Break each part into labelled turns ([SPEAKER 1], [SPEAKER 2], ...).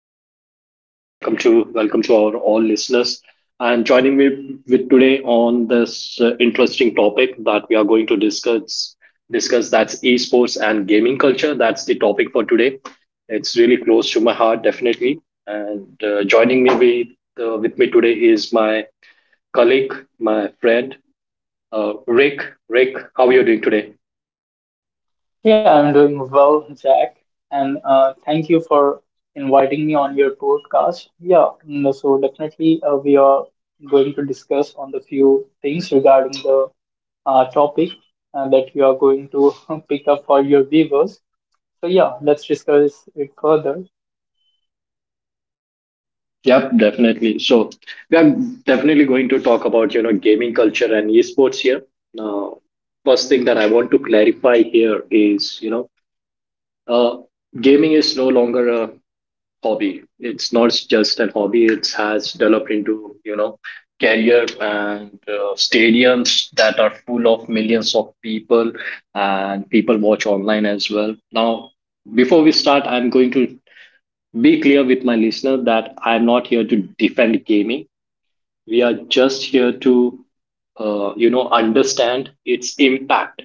[SPEAKER 1] podcast, and welcome to our all listeners. And joining me with today on this interesting topic that we are going to discuss, that's esports and gaming culture. That's the topic for today. It's really close to my heart, definitely. And joining me with me today is my colleague, my friend, Rick. Rick, how are you doing today?
[SPEAKER 2] Yeah, I'm doing well, Jack, and thank you for inviting me on your podcast. Yeah, no, so definitely we are going to discuss on the few things regarding the topic that you are going to pick up for your viewers. So yeah, let's discuss it further.
[SPEAKER 1] Yep, definitely. So we are definitely going to talk about gaming culture and esports here. Now, first thing that I want to clarify here is uh, gaming is no longer a hobby. It's not just an hobby. It has developed into career and stadiums that are full of millions of people, and people watch online as well. Now, before we start, I'm going to be clear with my listener that I'm not here to defend gaming. We are just here to, understand its impact,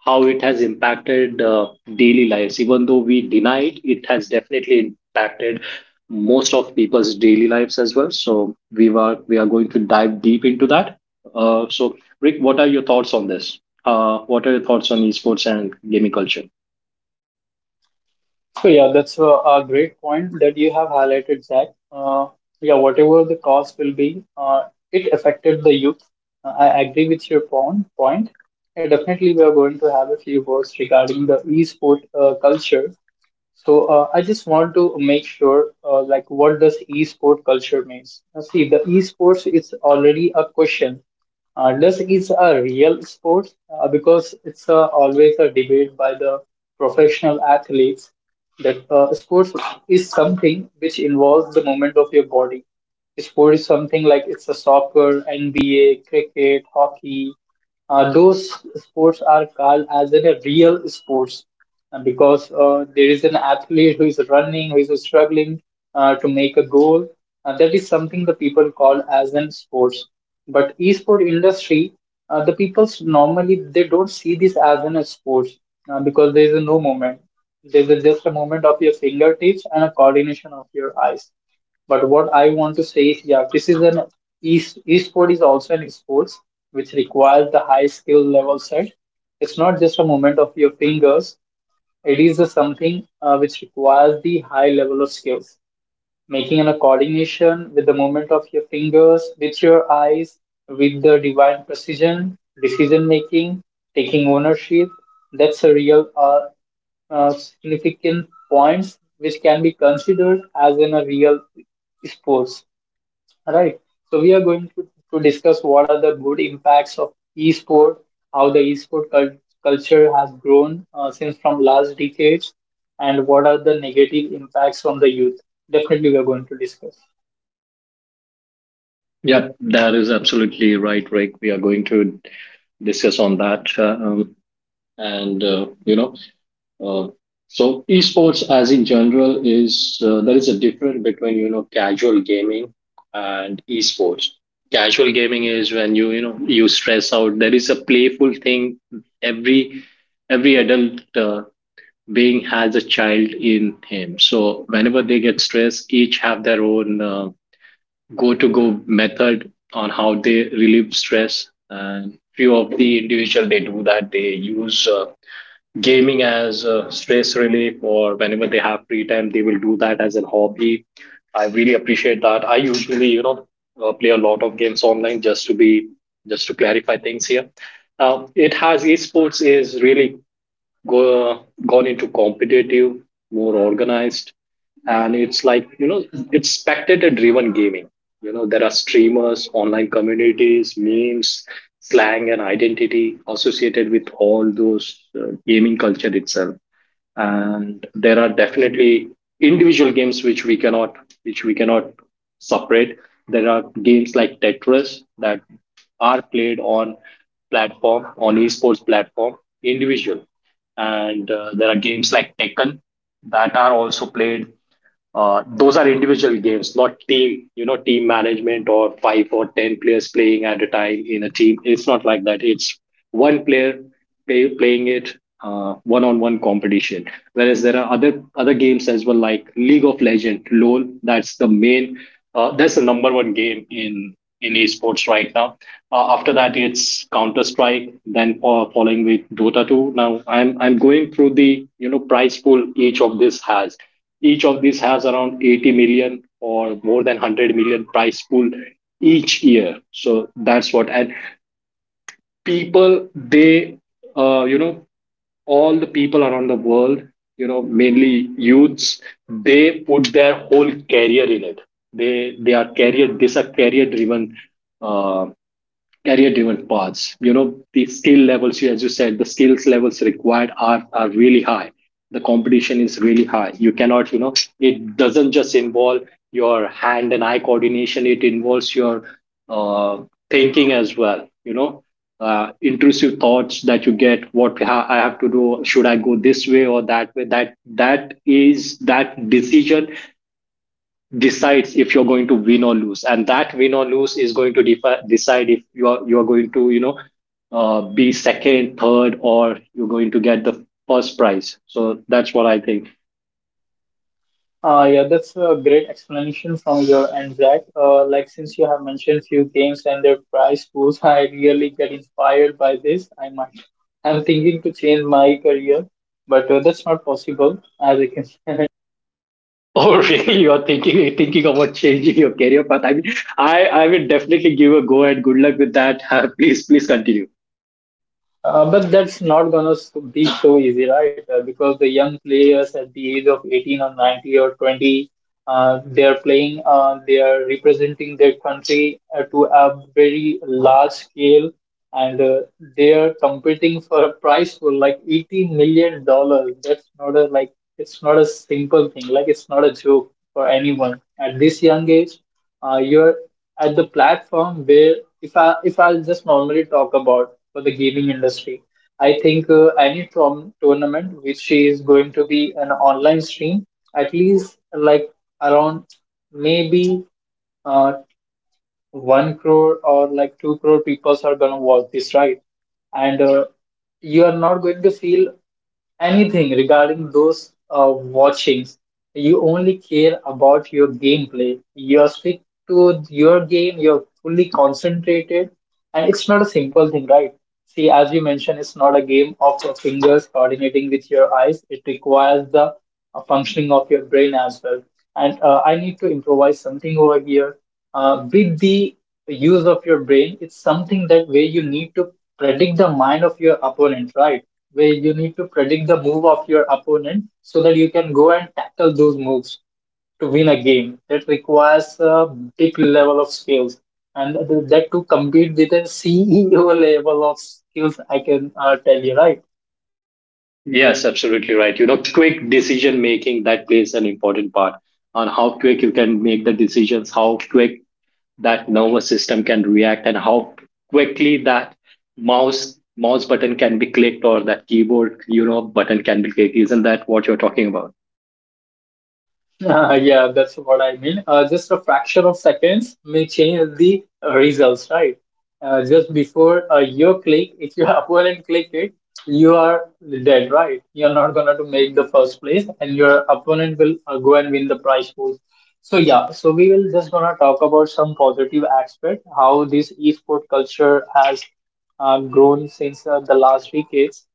[SPEAKER 1] how it has impacted daily lives. Even though we deny it, it has definitely impacted most of people's daily lives as well. So we are going to dive deep into that. So Rick, what are your thoughts on this? What are your thoughts on esports and gaming culture?
[SPEAKER 2] So yeah, that's a great point that you have highlighted, Zach. Yeah, whatever the cost will be, it affected the youth. I agree with your point. Yeah, definitely, we are going to have a few words regarding the e-sport culture. So I just want to make sure, like, what does e-sport culture means? Now, see, the e-sports is already a question. Does is a real sport? Because it's always a debate by the professional athletes that sports is something which involves the movement of your body. Sport is something like it's a soccer, NBA, cricket, hockey. Those sports are called as in a real sports, and because there is an athlete who is running, who is struggling to make a goal. That is something the people call as in sports. But esport industry, the people normally they don't see this as in a sport because there is no movement. There is just a movement of your fingertips and a coordination of your eyes. But what I want to say is, yeah, this is an esport is also an sports which requires the high skill level set. It's not just a movement of your fingers. It is a something which requires the high level of skills, making a coordination with the movement of your fingers, with your eyes, with the divine precision, decision making, taking ownership. That's a real significant points which can be considered as in a real sports. Right. So we are going to discuss what are the good impacts of esport, how the esport culture has grown since from last decades, and what are the negative impacts on the youth. Definitely, we are going to discuss.
[SPEAKER 1] Yeah, that is absolutely right, Rick. We are going to discuss on that. And, uh, you know, Uh, so esports as in general is, there is a difference between casual gaming and esports. Casual gaming is when you know you stress out. There is a playful thing. Every every adult being has a child in him. So whenever they get stressed, each have their own go to go method on how they relieve stress. And few of the individual they do that they use. Gaming as a stress relief, or whenever they have free time they will do that as a hobby. I really appreciate that. I usually play a lot of games online, just to be, just to clarify things here. It has Esports is really gone into competitive, more organized, and it's like it's spectator driven gaming. You know there are streamers, online communities, memes, slang, and identity associated with all those gaming culture itself. And there are definitely individual games which we cannot, which we cannot separate. There are games like Tetris that are played on platform on esports platform individual. And there are games like Tekken that are also played. Those are individual games, not team, you know, team management or five or 10 players playing at a time in a team. It's not like that. It's one player playing it, one-on-one competition. Whereas there are other games as well, like League of Legends, LoL. That's the main. That's the number one game in esports right now. After that, it's Counter Strike. Then following with Dota 2. Now I'm going through the you know price pool each of this has. Each of these has around 80 million or more than 100 million prize pool each year. So that's what. And people, they, uh, you know, all the people around the world, you know, mainly youths, they put their whole career in it. They are career. These are career driven, uh, career driven paths. You know, the skill levels, as you said, the skills levels required are really high. The competition is really high. You cannot, you know, it doesn't just involve your hand and eye coordination. It involves your uh, thinking as well, you know, intrusive thoughts that you get. I have to do? Should I go this way or that way? That, that is that decision decides if you're going to win or lose. And that win or lose is going to decide if you are going to, you know, be second, third, or you're going to get the first prize. So that's what I think.
[SPEAKER 2] Yeah, that's a great explanation from your end, Zach. Like since you have mentioned few games and their prize pools, I really get inspired by this. I might. I'm thinking to change my career, but that's not possible as I can.
[SPEAKER 1] Oh, really, you're thinking about changing your career path? I mean, I will definitely give a go and good luck with that. Please continue.
[SPEAKER 2] But that's not gonna be so easy, right? Because the young players at the age of 18 or 90 or 20, they are playing, they are representing their country to a very large scale, and they are competing for a prize for like $80 million. That's not a like, it's not a simple thing, like it's not a joke for anyone at this young age. You're at the platform where, if I'll just normally talk about for the gaming industry, I think any tournament which is going to be an online stream, at least like around maybe uh, 1 crore or like 2 crore people are gonna watch this, right? And you are not going to feel anything regarding those watchings. You only care about your gameplay. You are stick to your game. You're fully concentrated, and it's not a simple thing, right? See, as you mentioned, it's not a game of your fingers coordinating with your eyes. It requires the functioning of your brain as well. And I need to improvise something over here. With the use of your brain, it's something that where you need to predict the mind of your opponent, right? Where you need to predict the move of your opponent so that you can go and tackle those moves to win a game. That requires a big level of skills, and that to compete with a CEO level of skills, I can tell you, right?
[SPEAKER 1] Yes, absolutely right. You know, quick decision making, that plays an important part on how quick you can make the decisions, how quick that nervous system can react, and how quickly that mouse button can be clicked or that keyboard, you know, button can be clicked. Isn't that what you're talking about?
[SPEAKER 2] Yeah, that's what I mean. Just a fraction of seconds may change the results, right? Just before you click, if your opponent click it, you are dead, right? You're not gonna to make the first place, and your opponent will go and win the prize pool. So yeah, so we will just gonna talk about some positive aspect how this esport culture has grown since the last decades.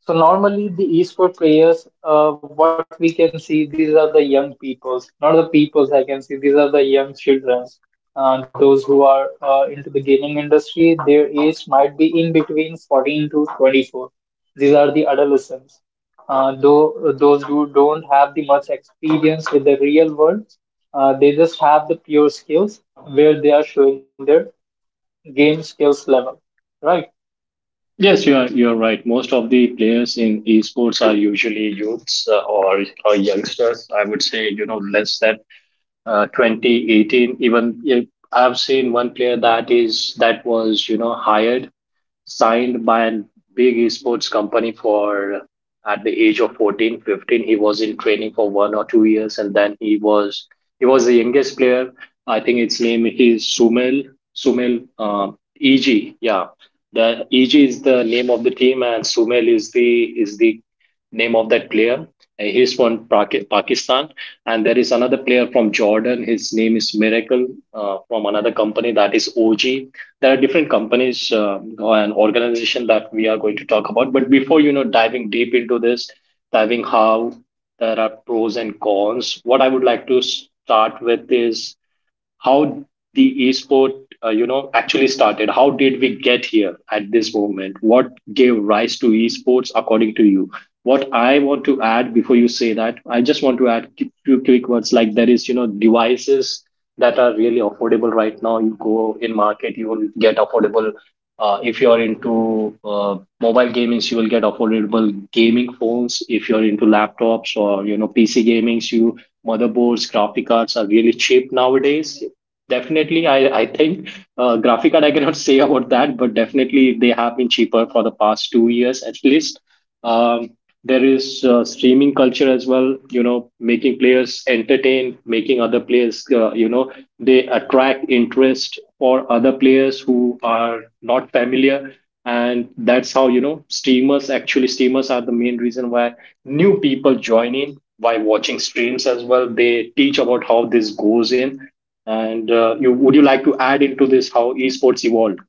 [SPEAKER 2] So normally the esport players, what we can see, these are the young peoples, not the peoples I can see, these are the young childrens. Those who are into the gaming industry, their age might be in between 14 to 24. These are the adolescents. Though those who don't have the much experience with the real world, they just have the pure skills where they are showing their game skills level, right?
[SPEAKER 1] Yes, you're right. Most of the players in esports are usually youths, or youngsters, I would say, you know, less than 20, 18 even. Yeah, I've seen one player that was, you know, hired, signed by a big esports company for, at the age of 14, 15. He was in training for 1 or 2 years, and then he was the youngest player. I think its name is sumel sumel EG, yeah, the EG is the name of the team and Sumel is the name of that player. He's from Pakistan. And there is another player from Jordan, his name is Miracle, from another company that is OG. There are different companies and organization that we are going to talk about. But before, you know, diving deep into this, diving how there are pros and cons. What I would like to start with is how the esport, you know, actually started. How did we get here at this moment? What gave rise to esports, according to you? What I want to add before you say that, I just want to add a few quick words. Like, there is, you know, devices that are really affordable right now. You go in market, you will get affordable, if you're into mobile gamings, you will get affordable gaming phones. If you're into laptops or you know PC gamings, you, motherboards, graphic cards are really cheap nowadays. Definitely, I think graphic card I cannot say about that, but definitely they have been cheaper for the past 2 years at least. Um, there is streaming culture as well. You know, making players entertain, making other players, they attract interest for other players who are not familiar. And that's how, you know, streamers actually streamers are the main reason why new people join in, by watching streams as well. They teach about how this goes in. And you would, you like to add into this, how esports evolved?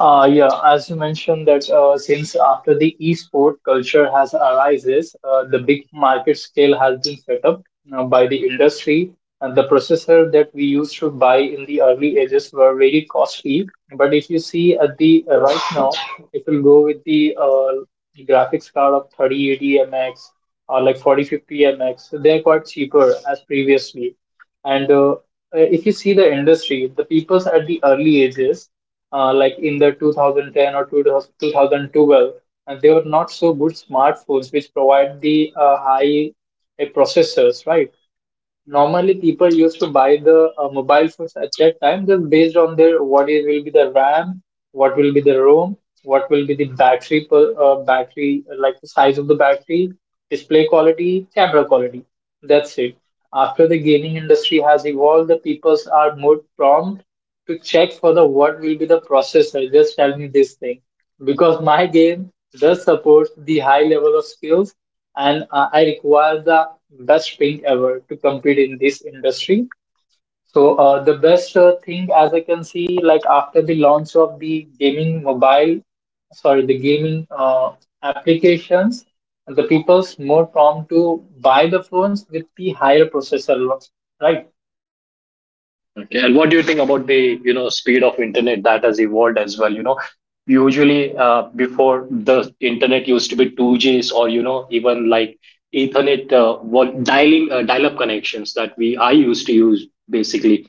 [SPEAKER 2] Yeah, as you mentioned that since after the esport culture has arises, the big market scale has been set up by the industry, and the processor that we used to buy in the early ages were very costly. But if you see at the right now, if you go with the graphics card of 3080 MX or like 4050 MX, they are quite cheaper as previously. And if you see the industry, the peoples at the early ages, like in the 2010 or 2000 2012, and they were not so good smartphones which provide the high processors, right? Normally people used to buy the mobile phones at that time just based on their what is will be the RAM, what will be the ROM, what will be the battery per battery, like the size of the battery, display quality, camera quality. That's it. After the gaming industry has evolved, the peoples are more prompt to check for the what will be the processor. Just tell me this thing because my game does support the high level of skills, and I require the best ping ever to compete in this industry. So the best thing, as I can see, like after the launch of the gaming mobile, sorry, the gaming applications, the people's more prompt to buy the phones with the higher processor, right?
[SPEAKER 1] Okay. And what do you think about the, you know, speed of internet that has evolved as well? You know, usually before, the internet used to be 2Gs, or, you know, even like Ethernet, what dialing, dial-up connections that we I used to use basically.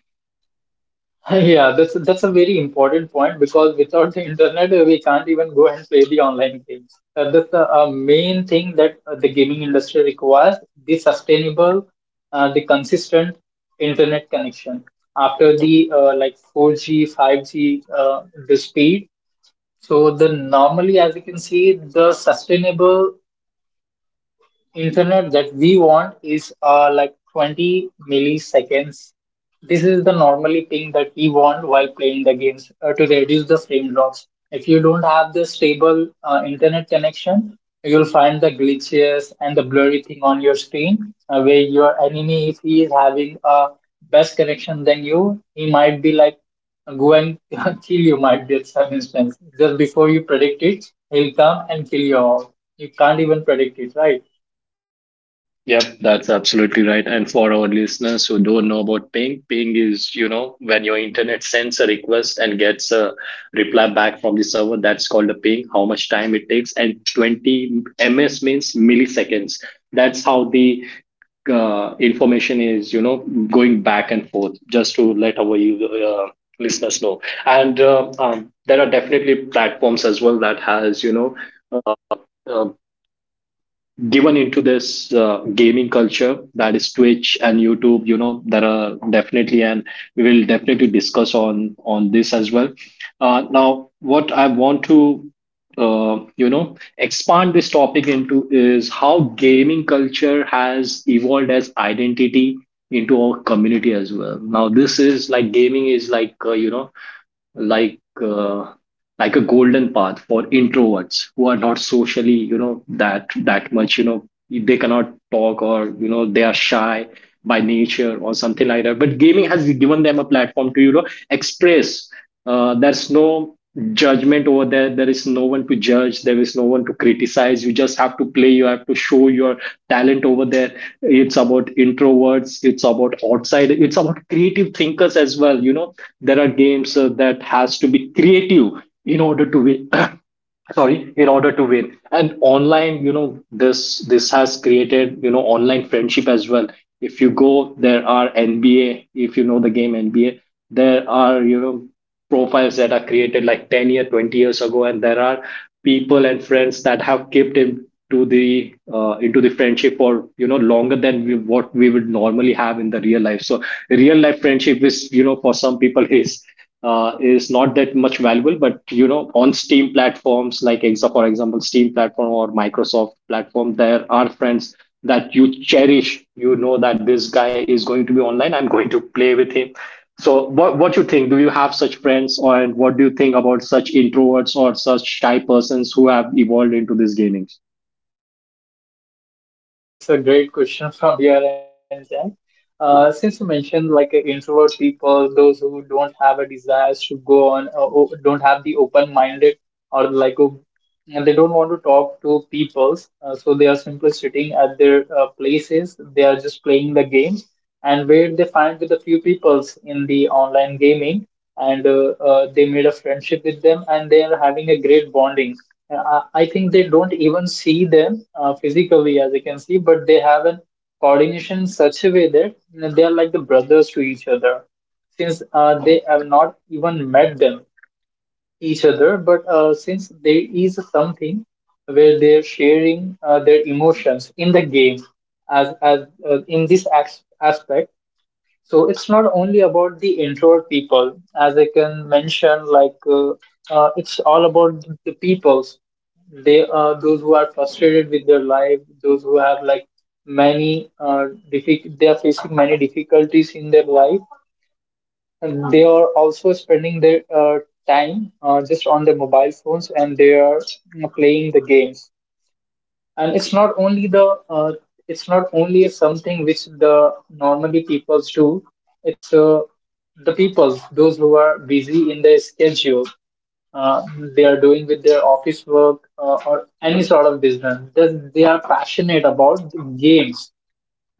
[SPEAKER 2] Yeah, that's a very important point because without the internet, we can't even go and play the online games. That's the main thing that the gaming industry requires: the sustainable, the consistent internet connection. After the like 4G, 5G, the speed. So the normally, as you can see, the sustainable internet that we want is like 20 milliseconds. This is the normally thing that we want while playing the games to reduce the frame drops. If you don't have the stable internet connection, you'll find the glitches and the blurry thing on your screen where your enemy, if he is having a best connection than you, he might be like go and kill you might be at some instance. Just before you predict it, he'll come and kill you all. You can't even predict it, right?
[SPEAKER 1] Yep, that's absolutely right. And for our listeners who don't know about ping, ping is, you know, when your internet sends a request and gets a reply back from the server, that's called a ping, how much time it takes. And 20 ms means milliseconds. That's how the information is, you know, going back and forth, just to let our listeners know. And there are definitely platforms as well that has, you know, uh, uh, given into this gaming culture, that is Twitch and YouTube. You know there are definitely, and we will definitely discuss on this as well. Now what I want to you know expand this topic into is how gaming culture has evolved as identity into our community as well. Now this is like, gaming is like, like uh, like a golden path for introverts who are not socially, you know, that much, you know, they cannot talk, or, you know, they are shy by nature or something like that. But gaming has given them a platform to, you know, express. There's no judgment over there. There is no one to judge, there is no one to criticize. You just have to play, you have to show your talent over there. It's about introverts, it's about outside, it's about creative thinkers as well. You know, there are games that has to be creative in order to win. Sorry, in order to win. And online, you know, this has created, you know, online friendship as well. If you go, there are NBA, if you know the game NBA, there are, you know, profiles that are created like 10 year, 20 years ago. And there are people and friends that have kept into the friendship for, you know, longer than what we would normally have in the real life. So real life friendship is, you know, for some people is not that much valuable, but you know, on steam platforms like exa for example steam platform or microsoft platform, there are friends that you cherish. You know that this guy is going to be online, I'm going to play with him. So what you think, do you have such friends? Or and what do you think about such introverts or such shy persons who have evolved into this gaming?
[SPEAKER 2] Yeah, that's a great question from your end, Jack. Since you mentioned like introvert people, those who don't have a desire to go on, don't have the open-minded or like, and they don't want to talk to people. So they are simply sitting at their places. They are just playing the games, and where they find with a few peoples in the online gaming, and they made a friendship with them, and they are having a great bonding. Uh, I think they don't even see them physically, as you can see, but they have a coordination in such a way that you know, they are like the brothers to each other, since they have not even met them each other, but since there is something where they're sharing their emotions in the game, as in this aspect, so it's not only about the introvert people, as I can mention, like it's all about the peoples. They are those who are frustrated with their life, those who have like many they are facing many difficulties in their life, and they are also spending their time just on their mobile phones, and they are you know, playing the games. And it's not only something which the normally peoples do. It's the peoples those who are busy in their schedule uh, they are doing with their office work or any sort of business. They are passionate about the games.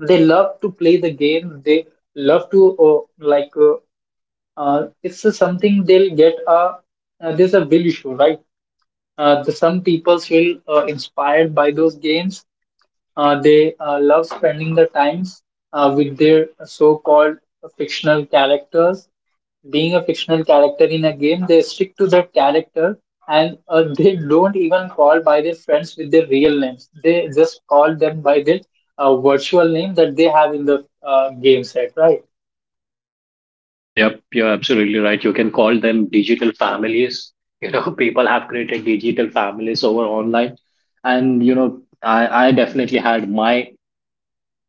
[SPEAKER 2] They love to play the game. They love to uh, like uh, it's a something they'll get a there's a will issue, right? Some people feel inspired by those games. They love spending the times with their so-called fictional characters. Being a fictional character in a game, they stick to that character, and they don't even call by their friends with their real names. They just call them by their virtual name that they have in the game set, right?
[SPEAKER 1] Yep, you're absolutely right. You can call them digital families. You know, people have created digital families over online. And you know, I definitely had my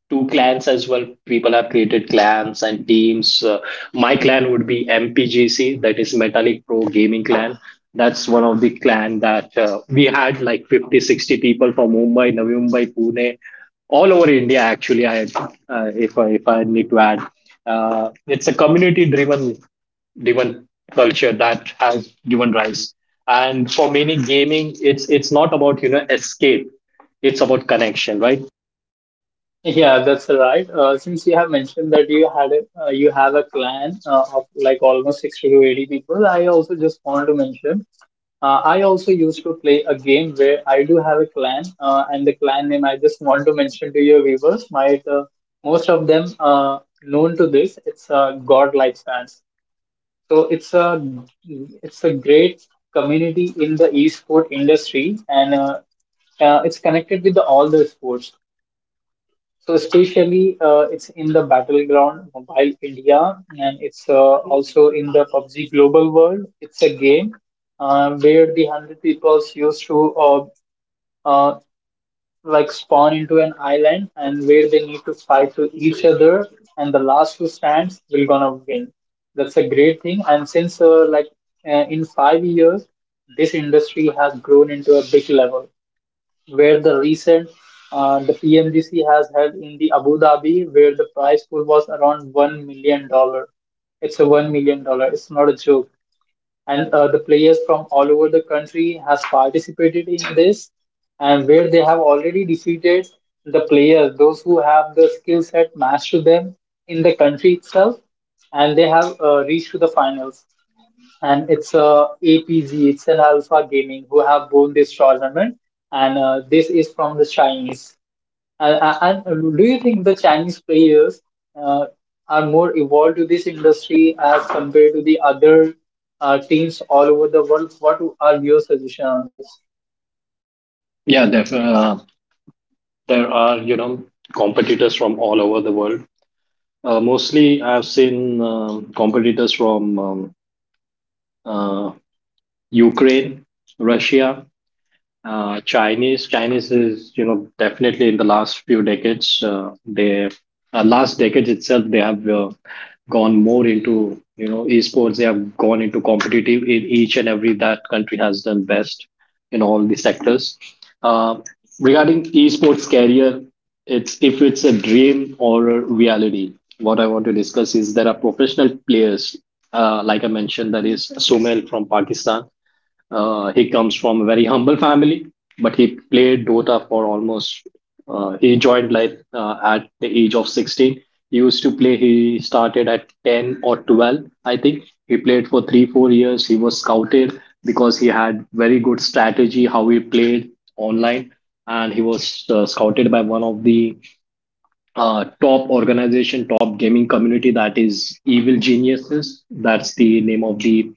[SPEAKER 1] two clans as well. People have created clans and teams. My clan would be MPGC, that is Metallic Pro Gaming Clan. That's one of the clan that we had like 50, 60 people from Mumbai, Navi Mumbai, Pune, all over India. Actually, I, if I need to add, it's a community driven culture that has given rise. And for many gaming, it's not about, you know, escape; it's about connection, right?
[SPEAKER 2] Yeah, that's right. Since you have mentioned that you had a, you have a clan of like almost 60 to 80 people, I also just want to mention I also used to play a game where I do have a clan, and the clan name I just want to mention to your viewers, might most of them known to this. It's God Lifespans. So it's a it's a great community in the esport industry, and it's connected with the all the sports. So especially it's in the battleground mobile India, and it's also in the PUBG global world. It's a game where the hundred peoples used to uh, like spawn into an island, and where they need to fight to each other, and the last who stands will gonna win. That's a great thing. And since in 5 years, this industry has grown into a big level, where the recent the PMDC has held in the Abu Dhabi, where the prize pool was around $1 million. It's a $1 million. It's not a joke, and the players from all over the country has participated in this, and where they have already defeated the players, those who have the skill set matched to them in the country itself, and they have reached to the finals. And it's a APG, it's an Alpha Gaming who have won this tournament, and this is from the Chinese. And do you think the Chinese players uh, are more evolved to this industry as compared to the other teams all over the world? What are your suggestion on this?
[SPEAKER 1] Yeah, there there are, you know, competitors from all over the world. Mostly, I've seen competitors from uh, Ukraine, Russia, Chinese. Chinese is, you know, definitely in the last few decades, last decades itself, they have gone more into, you know, esports. They have gone into competitive, in each and every, that country has done best in all the sectors. Uh, Regarding esports career, it's, if it's a dream or a reality. What I want to discuss is there are professional players, like I mentioned, that is Somail from Pakistan. He comes from a very humble family, but he played Dota for almost. He joined like at the age of 16. He used to play. He started at 10 or 12, I think. He played for three, 4 years. He was scouted because he had very good strategy how he played online, and he was scouted by one of the top organization, top gaming community, that is Evil Geniuses. That's the name of the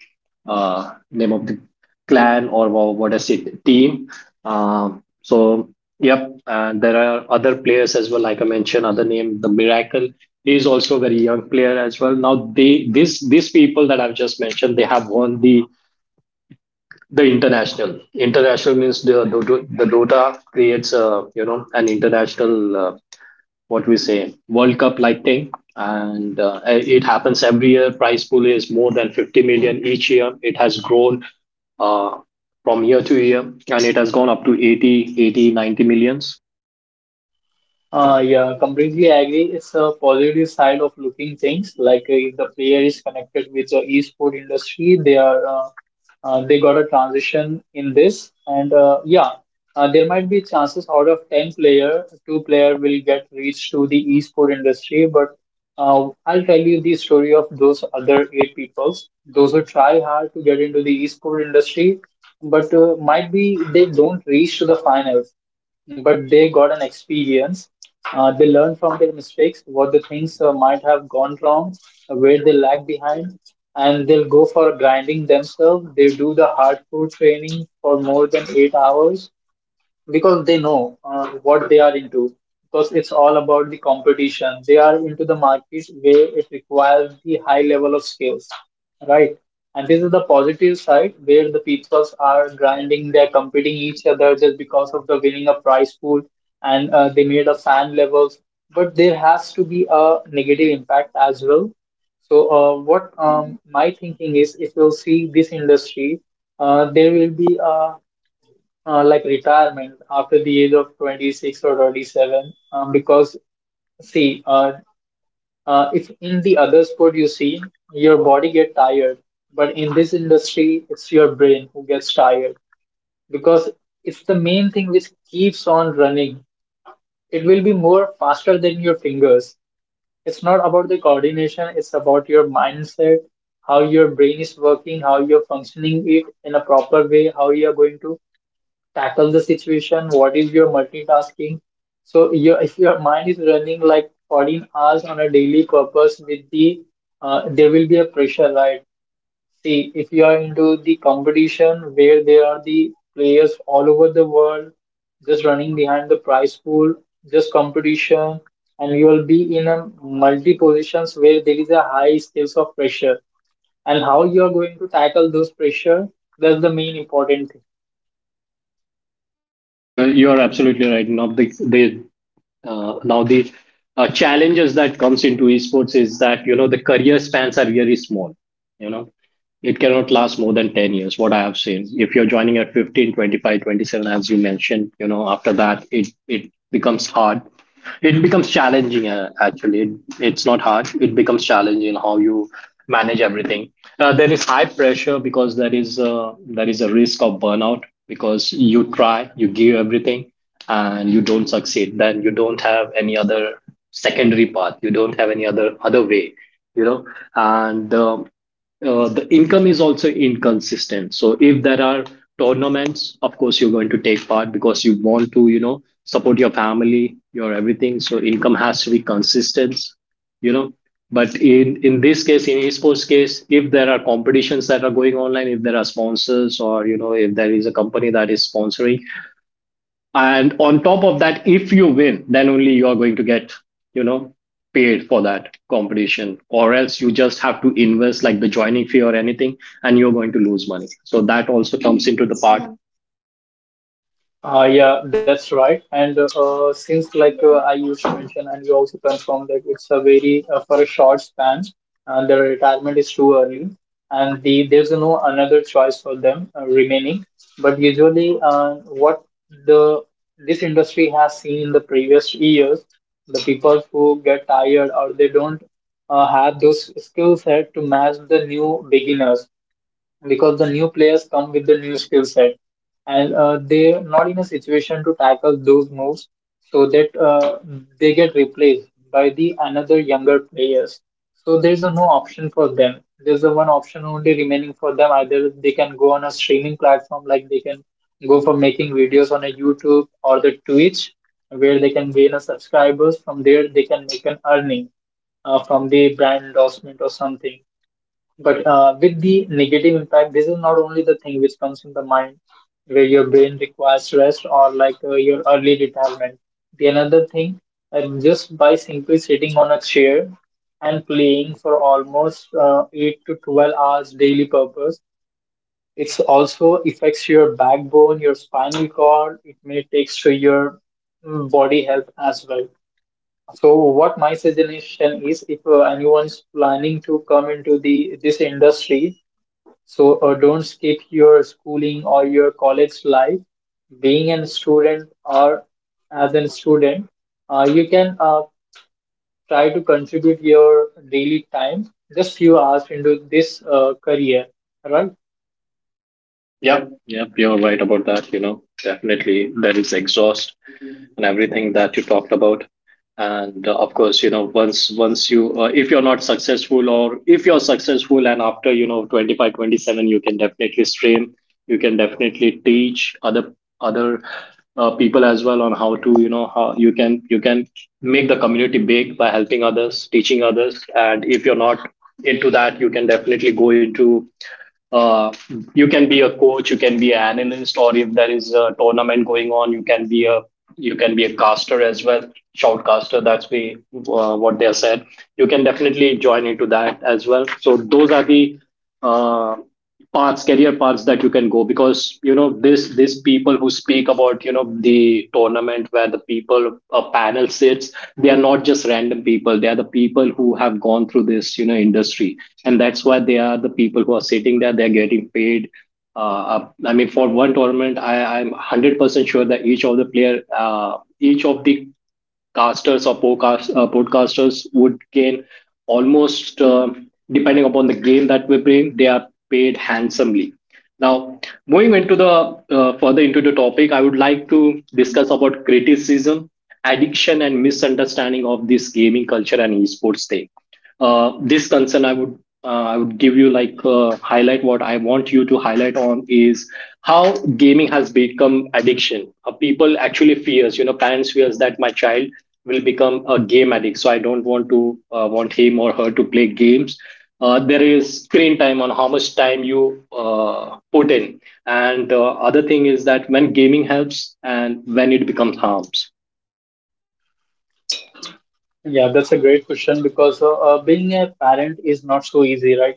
[SPEAKER 1] uh, name of the clan, or what is it, team. So yep, and there are other players as well. Like I mentioned, other name, the Miracle, is also a very young player as well. Now they this these people that I've just mentioned, they have won the international, means the dota creates, a you know, an international, what we say, world cup like thing. And it happens every year. Prize pool is more than 50 million each year. It has grown uh, from year to year, and it has gone up to 80, 80, 90 millions.
[SPEAKER 2] Yeah, completely agree. It's a positive side of looking things. Like if the player is connected with the esport industry, they are they got a transition in this, and yeah, there might be chances out of 10 player, 2 player will get reached to the esport industry. But I'll tell you the story of those other 8 peoples, those who try hard to get into the esport industry, but might be they don't reach to the finals, but they got an experience. They learned from their mistakes, what the things might have gone wrong, where they lag behind, and they'll go for grinding themselves. They do the hardcore training for more than 8 hours, because they know what they are into, because it's all about the competition. They are into the market where it requires the high level of skills, right? And this is the positive side, where the peoples are grinding, they're competing each other just because of the winning a prize pool, and they made a fan levels. But there has to be a negative impact as well. So what my thinking is, if you'll see this industry, there will be a like retirement after the age of 26 or 27, because see, if in the other sport you see your body get tired, but in this industry it's your brain who gets tired, because it's the main thing which keeps on running. It will be more faster than your fingers. It's not about the coordination, it's about your mindset. How your brain is working, how you're functioning it in a proper way, how you're going to tackle the situation, what is your multitasking. So your if your mind is running like 14 hours on a daily purpose with the there will be a pressure, right? See, if you are into the competition where there are the players all over the world, just running behind the prize pool, just competition, and you will be in a multi positions where there is a high scales of pressure, and how you are going to tackle those pressure, that's the main important.
[SPEAKER 1] Yeah, you're absolutely right. now the they now the challenges that comes into esports is that, you know, the career spans are really small. You know, it cannot last more than 10 years what I have seen. If you're joining at 15, 25, 27, as you mentioned, you know, after that it becomes hard, it becomes challenging. Actually, it's not hard, it becomes challenging how you manage everything. There is high pressure, because there is a risk of burnout, because you try, you give everything, and you don't succeed. Then you don't have any other secondary path, you don't have any other way, you know. And the income is also inconsistent. So if there are tournaments, of course you're going to take part because you want to, you know, support your family, your everything, so income has to be consistent, you know. But in this case, in esports case, if there are competitions that are going online, if there are sponsors, or you know, if there is a company that is sponsoring, and on top of that, if you win, then only you are going to get, you know, paid for that competition. Or else you just have to invest like the joining fee or anything, and you're going to lose money. So that also comes into the part.
[SPEAKER 2] Yeah, that's right. And since I used to mention, and you also confirmed that it's a very for a short span, the retirement is too early, and there's no another choice for them remaining. But usually, what the this industry has seen in the previous years, the people who get tired, or they don't have those skill set to match the new beginners, because the new players come with the new skill set, and they're not in a situation to tackle those moves, so that they get replaced by the another younger players. So there's a no option for them. There's a one option only remaining for them: either they can go on a streaming platform, like they can go for making videos on a YouTube or the Twitch, where they can gain a subscribers. From there they can make an earning from the brand endorsement or something. But with the negative impact, this is not only the thing which comes in the mind, where your brain requires rest, or like your early retirement. The another thing, and just by simply sitting on a chair and playing for almost 8 to 12 hours daily purpose, it's also affects your backbone, your spinal cord. It may take to your body health as well. So what my suggestion is, if anyone's planning to come into the this industry, so don't skip your schooling or your college life. Being a student, or as a student, you can try to contribute your daily time, just few hours into this career, right?
[SPEAKER 1] Yep, yep, you're right about that. You know, definitely there is exhaust and everything that you talked about. And of course, you know, once you, if you're not successful, or if you're successful, and after, you know, 25 27, you can definitely stream, you can definitely teach other people as well, on how to, you know, how you can make the community big by helping others, teaching others. And if you're not into that, you can definitely go into, uh, you can be a coach, you can be an analyst, or if there is a tournament going on, you can be a, you can be a caster as well. Shoutcaster, that's what they are said. You can definitely join into that as well. So those are the uh, paths, career paths that you can go. Because you know, this people who speak about, you know, the tournament, where the people, a panel sits, they are not just random people, they are the people who have gone through this, you know, industry. And that's why they are the people who are sitting there, they're getting paid. I mean, for one tournament, I'm 100% sure that each of the player, each of the casters, or podcast, podcasters would gain almost, depending upon the game that we bring, they are paid handsomely. Now, moving into the further into the topic, I would like to discuss about criticism, addiction and misunderstanding of this gaming culture and esports thing. This concern I would I would give you like, highlight, what I want you to highlight on is how gaming has become addiction. People actually fears, you know, parents fears that my child will become a game addict, so I don't want to, want him or her to play games. There is screen time, on how much time you put in. And other thing is that, when gaming helps and when it becomes harms.
[SPEAKER 2] Yeah, that's a great question, because being a parent is not so easy, right?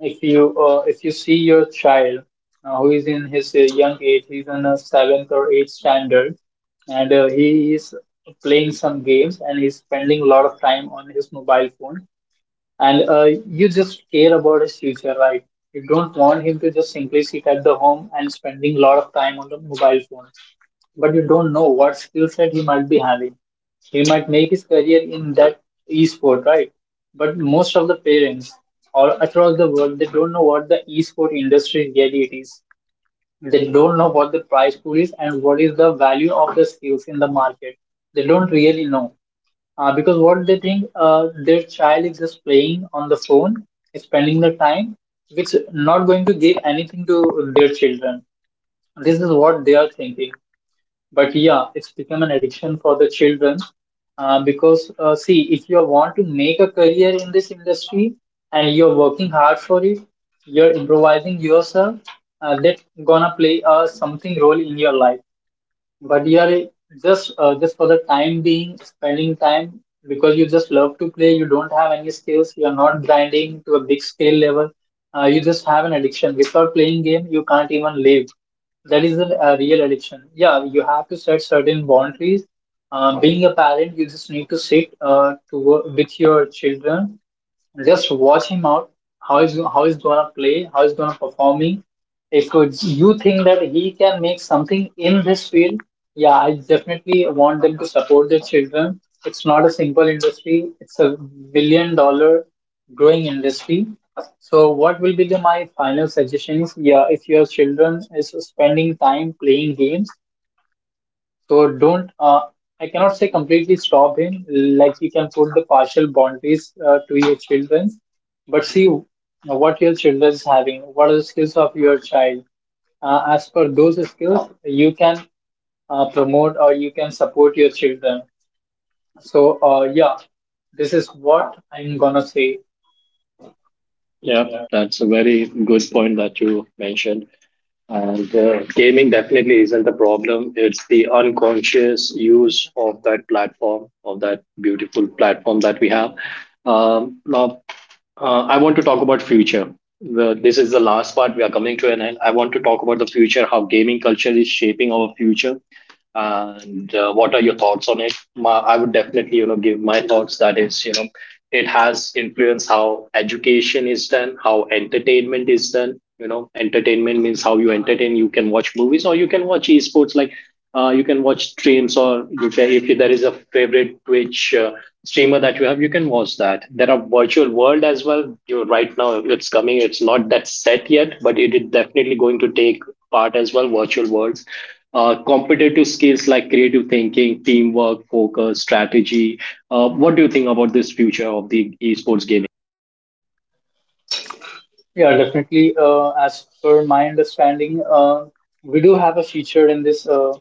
[SPEAKER 2] If you see your child who is in his young age, he's in a seventh or eighth standard, and he is playing some games, and he's spending a lot of time on his mobile phone, and you just care about his future, right? You don't want him to just simply sit at the home and spending a lot of time on the mobile phone. But you don't know what skill set he might be having. He might make his career in that e-sport, right? But most of the parents or across the world, they don't know what the e-sport industry really it is. They don't know what the price pool is, and what is the value of the skills in the market. They don't really know. Because what they think, their child is just playing on the phone, spending the time, which not going to give anything to their children. This is what they are thinking. But yeah, it's become an addiction for the children, because see, if you want to make a career in this industry and you're working hard for it, you're improvising yourself. That's gonna play something role in your life. But you are just for the time being spending time, because you just love to play. You don't have any skills, you are not grinding to a big scale level. You just have an addiction, without playing game you can't even live. That is a real addiction. Yeah, you have to set certain boundaries. Being a parent, you just need to sit to work with your children, just watch him out. How is, how is gonna play? How is gonna performing? If it's, you think that he can make something in this field, yeah, I definitely want them to support their children. It's not a simple industry. It's a $1 billion growing industry. So what will be the, my final suggestion is, yeah, if your children is spending time playing games, so don't, I cannot say completely stop him. Like, you can put the partial boundaries to your children, but see what your children is having. What are the skills of your child? As per those skills, you can promote or you can support your children. So yeah, this is what I'm gonna say.
[SPEAKER 1] Yeah, that's a very good point that you mentioned. And gaming definitely isn't the problem. It's the unconscious use of that platform, of that beautiful platform that we have. Um, now, I want to talk about future. This is the last part. We are coming to an end. I want to talk about the future, how gaming culture is shaping our future, and what are your thoughts on it. I would definitely, you know, give my thoughts, that is, you know, it has influenced how education is done, how entertainment is done. You know, entertainment means how you entertain. You can watch movies, or you can watch esports, like you can watch streams, or you can, if there is a favorite twitch streamer that you have, you can watch that. There are virtual world as well. You, right now, it's coming, it's not that set yet, but it is definitely going to take part as well, virtual worlds. Competitive skills like creative thinking, teamwork, focus, strategy. What do you think about this future of the esports game?
[SPEAKER 2] Yeah, definitely. As per my understanding, we do have a feature in this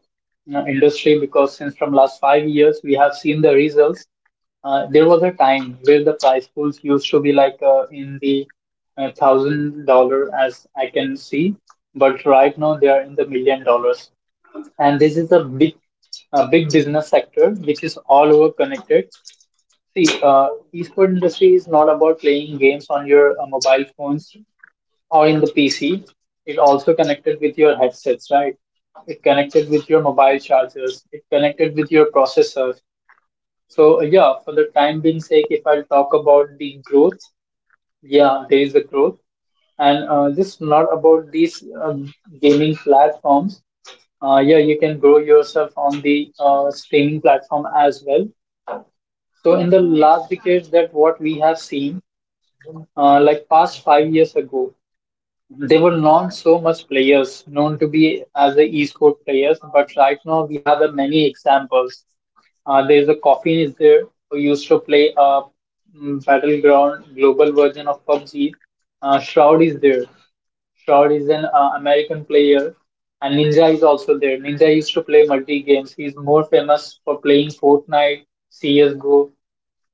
[SPEAKER 2] you know, industry, because since from last 5 years we have seen the results. There was a time where the prize pools used to be like in the $1,000, as I can see, but right now they are in the $1 millions, and this is a big, a big business sector which is all over connected. See, esport industry is not about playing games on your mobile phones or in the PC. It also connected with your headsets, right? It connected with your mobile chargers. It connected with your processors. So yeah, for the time being sake, if I'll talk about the growth, yeah, there is a growth, and just not about these gaming platforms. Yeah, you can grow yourself on the streaming platform as well. So in the last decades, that what we have seen, like past 5 years ago, they were not so much players known to be as the esport players, but right now we have many examples. There's a Coffin is there, who used to play a battleground global version of PUBG. Shroud is there. Shroud is an American player, and Ninja is also there. Ninja used to play multi games. He's more famous for playing Fortnite, CS:GO,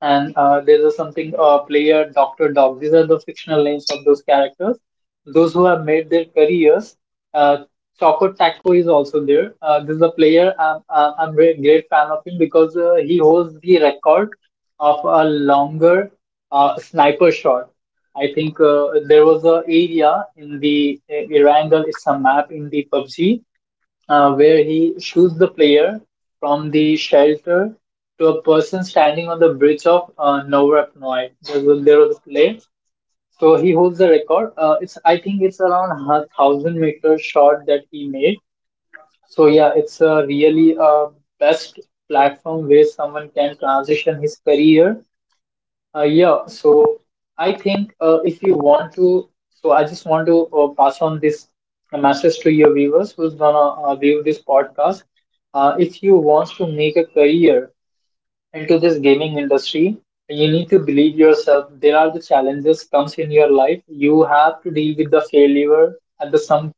[SPEAKER 2] and there's a something player Doctor Dog. These are the fictional names of those characters, those who have made their careers. Uh, Choco Taco is also there. This is a player. I'm very great fan of him, because he holds the record of a longer sniper shot. I think there was a area in the Irangal, it's a map in the PUBG, where he shoots the player from the shelter to a person standing on the bridge of Novorapnoy. There was a play. So he holds the record. It's, I think it's around a 1,000 meter shot that he made. So yeah, it's a really best platform where someone can transition his career. Yeah, so I think if you want to, so I just want to pass on this message to your viewers who's gonna view this podcast. If you want to make a career into this gaming industry, you need to believe yourself. There are the challenges comes in your life. You have to deal with the failure at the some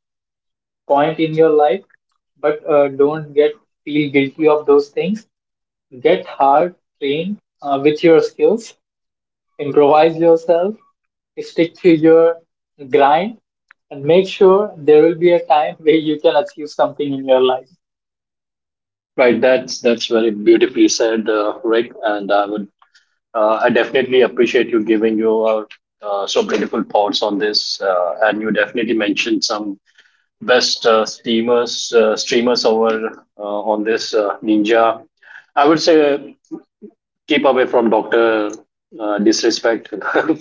[SPEAKER 2] point in your life, but don't get feel guilty of those things. Get hard, train with your skills, improvise yourself. Stick to your grind, and make sure there will be a time where you can achieve something in your life.
[SPEAKER 1] Right, that's very beautifully said, Rick. And I would I definitely appreciate you giving your so beautiful thoughts on this. And you definitely mentioned some best streamers over on this, Ninja. I would say, keep away from Dr. Disrespect.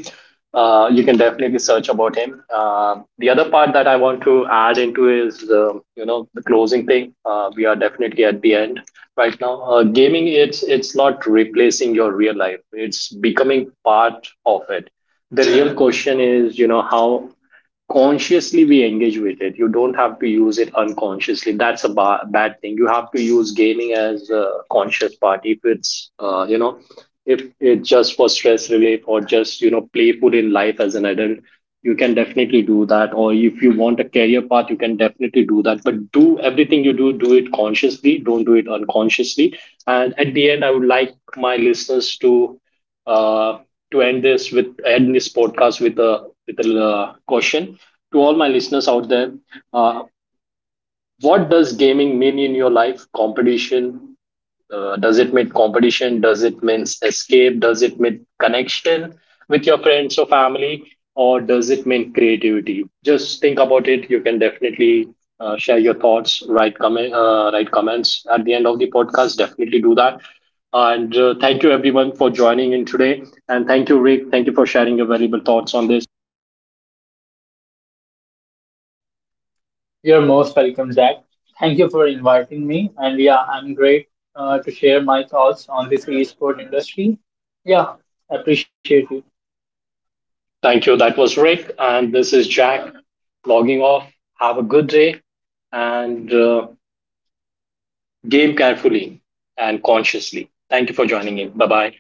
[SPEAKER 1] You can definitely search about him. The other part that I want to add into is, you know, the closing thing. We are definitely at the end right now. Gaming, it's not replacing your real life. It's becoming part of it. The real question is, you know, how consciously we engage with it. You don't have to use it unconsciously. That's a bad thing. You have to use gaming as a conscious part. If it's, you know, if it's just for stress relief, or just, you know, playful in life as an adult, you can definitely do that. Or if you want a career path, you can definitely do that. But do everything you do, do it consciously, don't do it unconsciously. And at the end, I would like my listeners to uh, end this with, end this podcast, with a, with a question to all my listeners out there. Uh, what does gaming mean in your life? Does it mean competition? Does it mean escape? Does it mean connection with your friends or family? Or does it mean creativity? Just think about it. You can definitely share your thoughts, write, comment, write comments at the end of the podcast. Definitely do that. And thank you everyone for joining in today. And thank you, Rick. Thank you for sharing your valuable thoughts on this.
[SPEAKER 2] You're most welcome, Jack. Thank you for inviting me. And yeah, I'm great to share my thoughts on this esport industry. Yeah, appreciate it.
[SPEAKER 1] Thank you. That was Rick. And this is Jack logging off. Have a good day. And game carefully and consciously. Thank you for joining in. Bye bye.